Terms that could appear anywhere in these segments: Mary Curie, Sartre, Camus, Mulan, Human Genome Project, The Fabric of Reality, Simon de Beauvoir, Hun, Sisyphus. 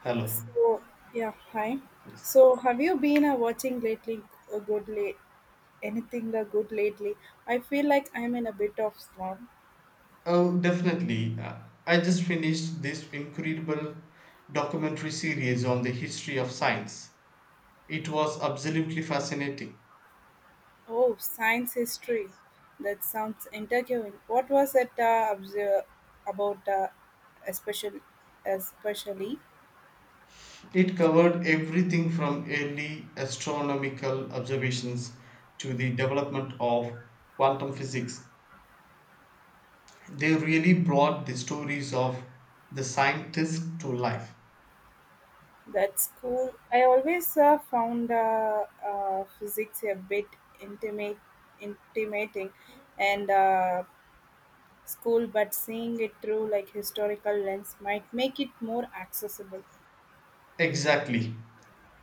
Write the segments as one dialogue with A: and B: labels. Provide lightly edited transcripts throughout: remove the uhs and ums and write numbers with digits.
A: Hello.
B: So yeah, hi.
A: Yes.
B: So have you been watching lately? A good late, anything good lately? I feel like I'm in a bit of slump.
A: Oh, definitely. I just finished this incredible documentary series on the history of science. It was absolutely fascinating.
B: Oh, science history. That sounds intriguing. What was it about? Especially, especially
A: It covered everything from early astronomical observations to the development of quantum physics. They really brought the stories of the scientists to life.
B: that's cool. I always found physics a bit intimate, intimating, and. School, but seeing it through like historical lens might make it more accessible.
A: Exactly.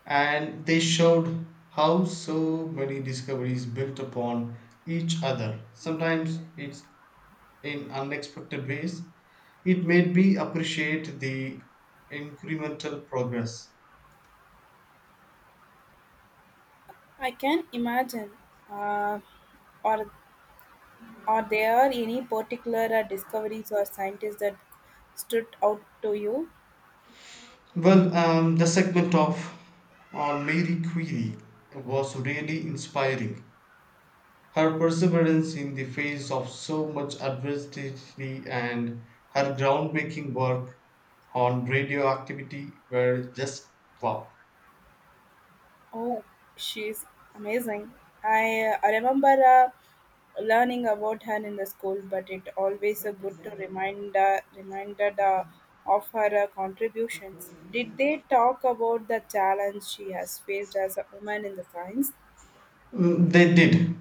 A: And they showed how so many discoveries built upon each other. Sometimes it's in unexpected ways. It made me appreciate the incremental progress.
B: I can imagine. Uh, or are there any particular discoveries or scientists that stood out to you?
A: Well, the segment of on Mary Curie was really inspiring. Her perseverance in the face of so much adversity and her groundbreaking work on radioactivity were just wow.
B: Oh, she's amazing. I remember learning about her in the school, but it always good to reminded of her contributions. Did they talk about the challenge she has faced as a woman in the science?
A: They did,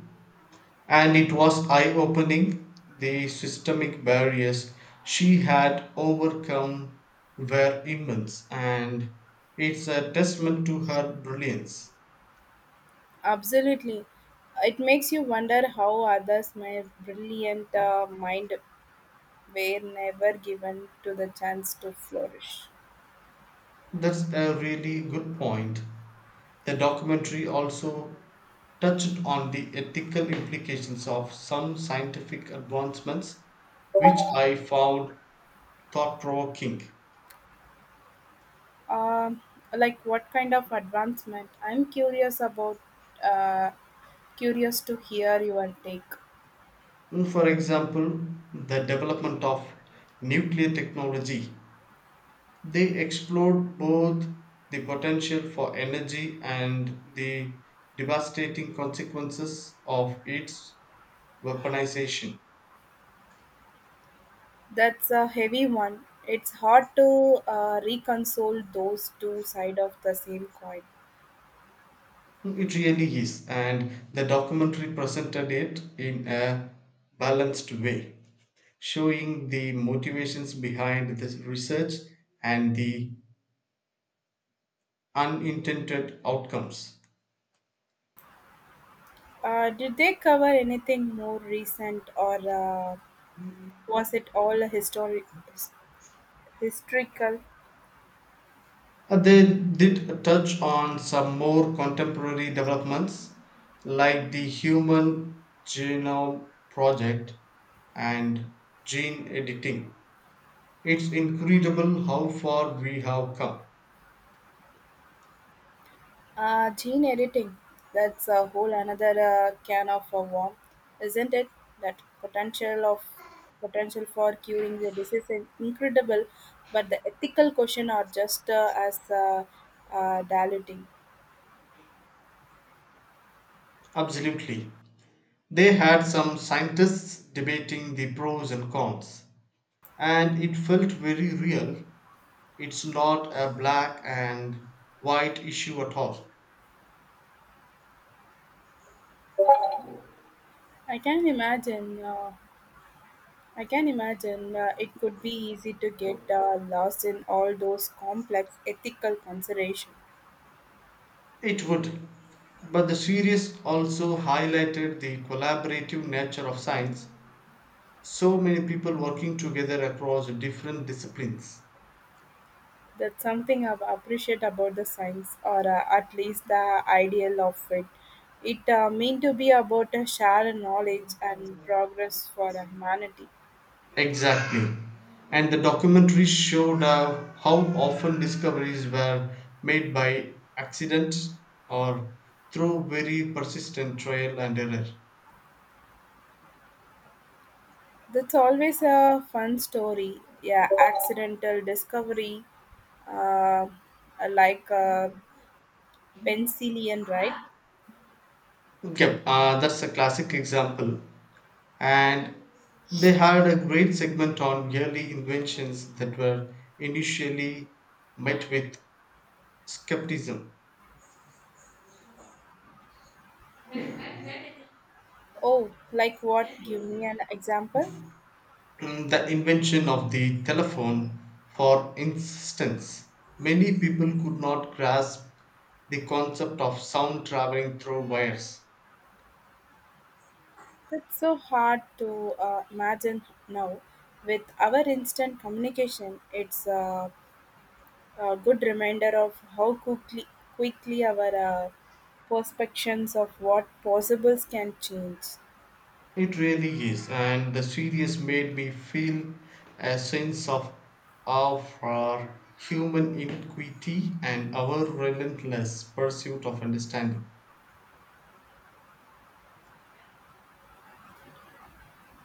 A: and it was eye opening. The systemic barriers she had overcome were immense, and it's a testament to her brilliance.
B: Absolutely. It makes you wonder how others my brilliant mind were never given to the chance to flourish.
A: That's a really good point. The documentary also touched on the ethical implications of some scientific advancements, which I found thought provoking.
B: Um, like what kind of advancement? I'm curious about, uh, curious to hear your take.
A: For example, the development of nuclear technology. They explored both the potential for energy and the devastating consequences of its weaponization.
B: That's a heavy one. It's hard to reconcile those two sides of the same coin.
A: It really is, and the documentary presented it in a balanced way, showing the motivations behind this research and the unintended outcomes.
B: Did they cover anything more recent, or was it all his- historical?
A: They did touch on some more contemporary developments like the Human Genome Project and gene editing. It's incredible how far we have come.
B: Gene editing, that's a whole another can of worm, isn't it? That potential of potential for curing the disease is incredible, but the ethical question are just as diluting.
A: Absolutely. They had some scientists debating the pros and cons, and it felt very real. It's not a black and white issue at all.
B: I can imagine. I can imagine it could be easy to get lost in all those complex ethical considerations.
A: It would. But the series also highlighted the collaborative nature of science, so many people working together across different disciplines.
B: That's something I appreciate about the science, or at least the ideal of it. It mean to be about a shared knowledge and progress for humanity.
A: Exactly. And the documentary showed how often discoveries were made by accident or through very persistent trial and error.
B: That's always a fun story. Yeah, accidental discovery, uh, like penicillin, right?
A: Okay, that's a classic example. And they had a great segment on early inventions that were initially met with skepticism.
B: Oh, like what? Give me an example.
A: The invention of the telephone, for instance, many people could not grasp the concept of sound traveling through wires.
B: It's so hard to imagine now. With our instant communication, it's a good reminder of how quickly our perceptions of what possibles can change.
A: It really is, and the series made me feel a sense of awe for our human iniquity and our relentless pursuit of understanding.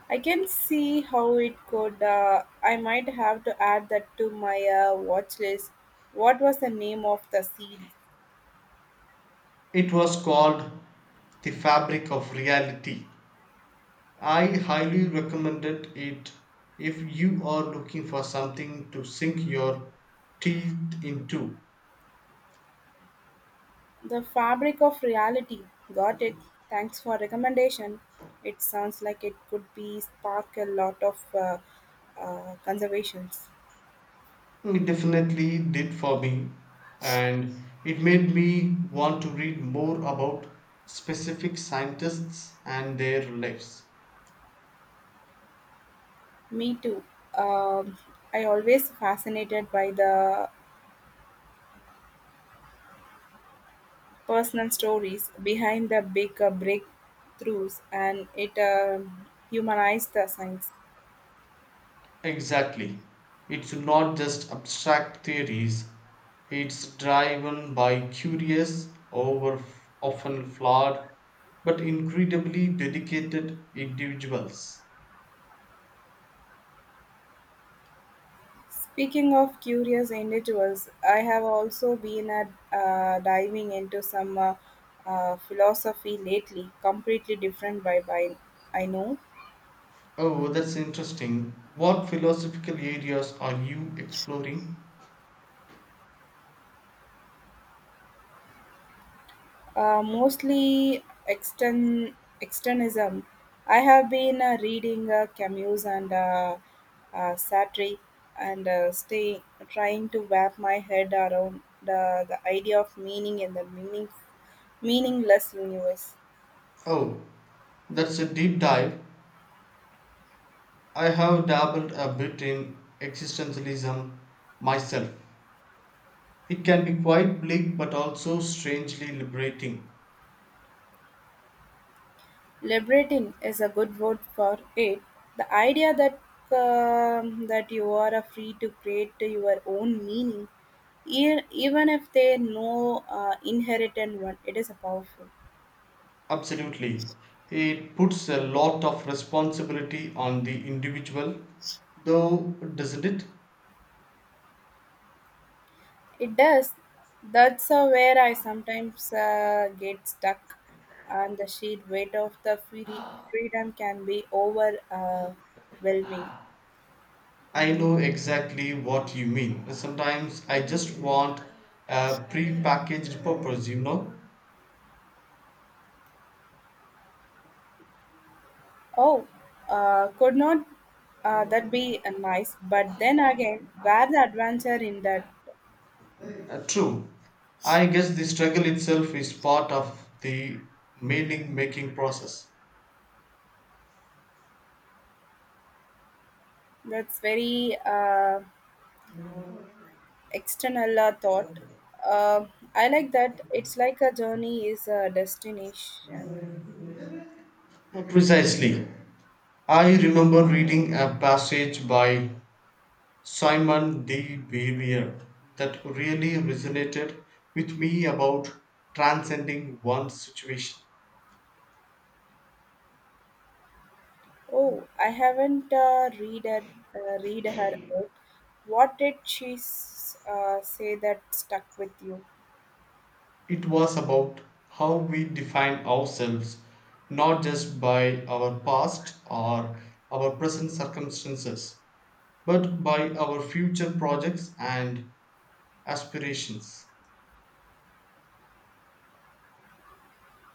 B: I can see how it could. I might have to add that to my watch list. What was the name of the series?
A: It was called The Fabric of Reality. I highly recommended it if you are looking for something to sink your teeth into.
B: The Fabric of Reality. Got it. Thanks for recommendation. It sounds like it could be spark a lot of conservations.
A: It definitely did for me, and it made me want to read more about specific scientists and their lives.
B: Me too. Um, I always fascinated by the Personal stories behind the big breakthroughs and it humanized the science.
A: Exactly. It's not just abstract theories, it's driven by curious, over often flawed, but incredibly dedicated individuals.
B: Speaking of curious individuals, I have also been diving into some philosophy lately, completely different by I know.
A: Oh, that's interesting. What philosophical areas are you exploring?
B: Mostly externism. I have been reading Camus and Sartre and stay trying to wrap my head around the idea of meaning in the meaningless universe.
A: Oh, that's a deep dive. I have dabbled a bit in existentialism myself. It can be quite bleak but also strangely liberating.
B: Liberating is a good word for it. The idea that that you are free to create your own meaning, even if they no inherited one, it is a powerful.
A: Absolutely. It puts a lot of responsibility on the individual, though, doesn't it?
B: It does. That's where I sometimes get stuck, and the sheer weight of the freedom can be overwhelming.
A: I know exactly what you mean. Sometimes I just want a pre-packaged purpose.
B: Oh, could not that be nice? But then again, where the adventure in that?
A: True. I guess the struggle itself is part of the meaning making process.
B: That's very external thought. Uh, I like that. It's like a journey is a destination.
A: Precisely. I remember reading a passage by Simon de Beauvoir that really resonated with me about transcending one's situation.
B: Oh, I haven't read her book. What did she say that stuck with you?
A: It was about how we define ourselves not just by our past or our present circumstances, but by our future projects and aspirations.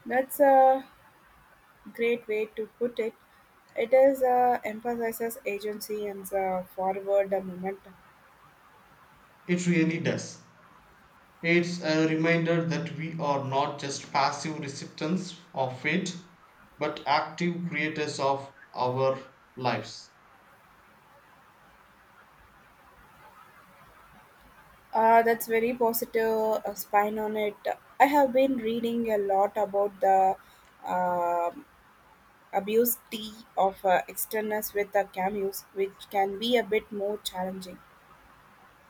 B: That's a great way to put it. It is emphasizes agency and the forward momentum.
A: It really does. It's a reminder that we are not just passive recipients of fate, but active creators of our lives.
B: That's very positive spine on it. I have been reading a lot about the um abuse tea of externals with the cameos, which can be a bit more challenging.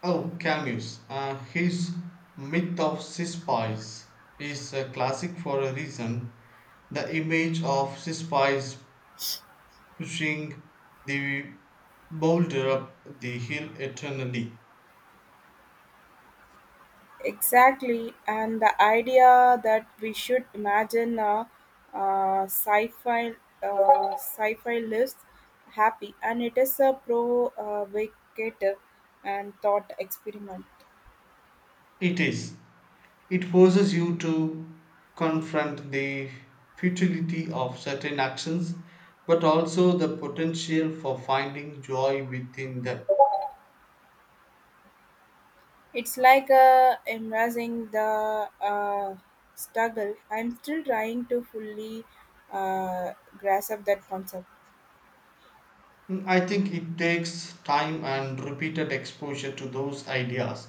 A: Oh, Camus, his myth of Sisyphus is a classic for a reason. The image of Sisyphus pushing the boulder up the hill eternally.
B: Exactly, and the idea that we should imagine a, uh sci-fi sci-fi list, happy, and it is a provocative and thought experiment.
A: It is. It forces you to confront the futility of certain actions, but also the potential for finding joy within them.
B: It's like embracing the struggle. I'm still trying to fully uh, grasp that concept.
A: I think it takes time and repeated exposure to those ideas.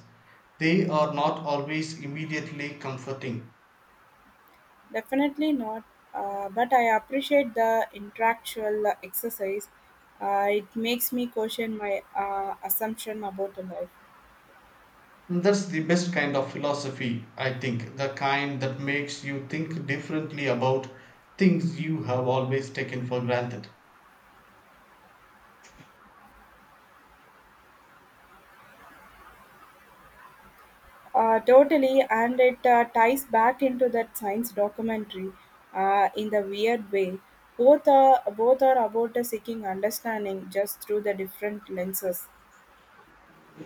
A: They are not always immediately comforting.
B: Definitely not. But I appreciate the intellectual exercise. It makes me question my assumption about the life.
A: That's the best kind of philosophy, I think, the kind that makes you think differently about things you have always taken for granted.
B: Totally, and it ties back into that science documentary in the weird way. Both are about seeking understanding just through the different lenses.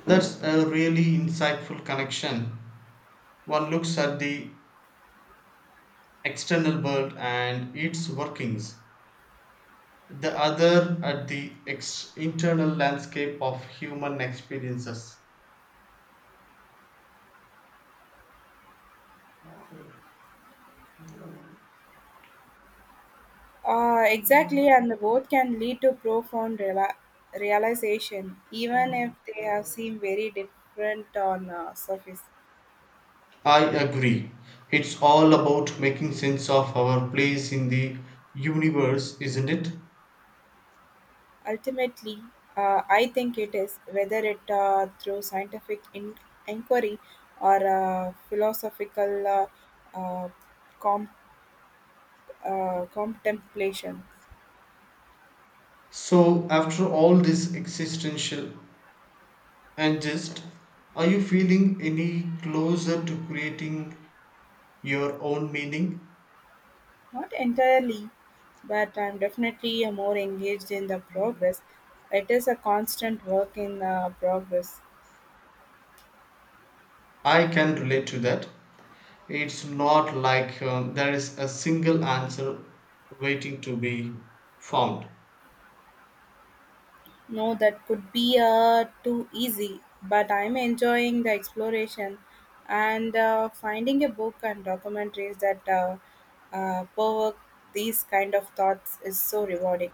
A: That's a really insightful connection. One looks at the external world and its workings, the other at the internal landscape of human experiences.
B: Exactly, and both can lead to profound realization, even if they have seem very different on surface.
A: I agree. It's all about making sense of our place in the universe, isn't it?
B: Ultimately, I think it is whether it through scientific inquiry or philosophical uh, comp- contemplation.
A: So, after all this existential angst, are you feeling any closer to creating your own meaning?
B: Not entirely, but I'm definitely more engaged in the progress. It is a constant work in progress.
A: I can relate to that. It's not like there is a single answer waiting to be found.
B: No, that could be too easy, but I'm enjoying the exploration and finding a book and documentaries that provoke these kind of thoughts is so rewarding.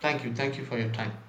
A: Thank you. Thank you for your time.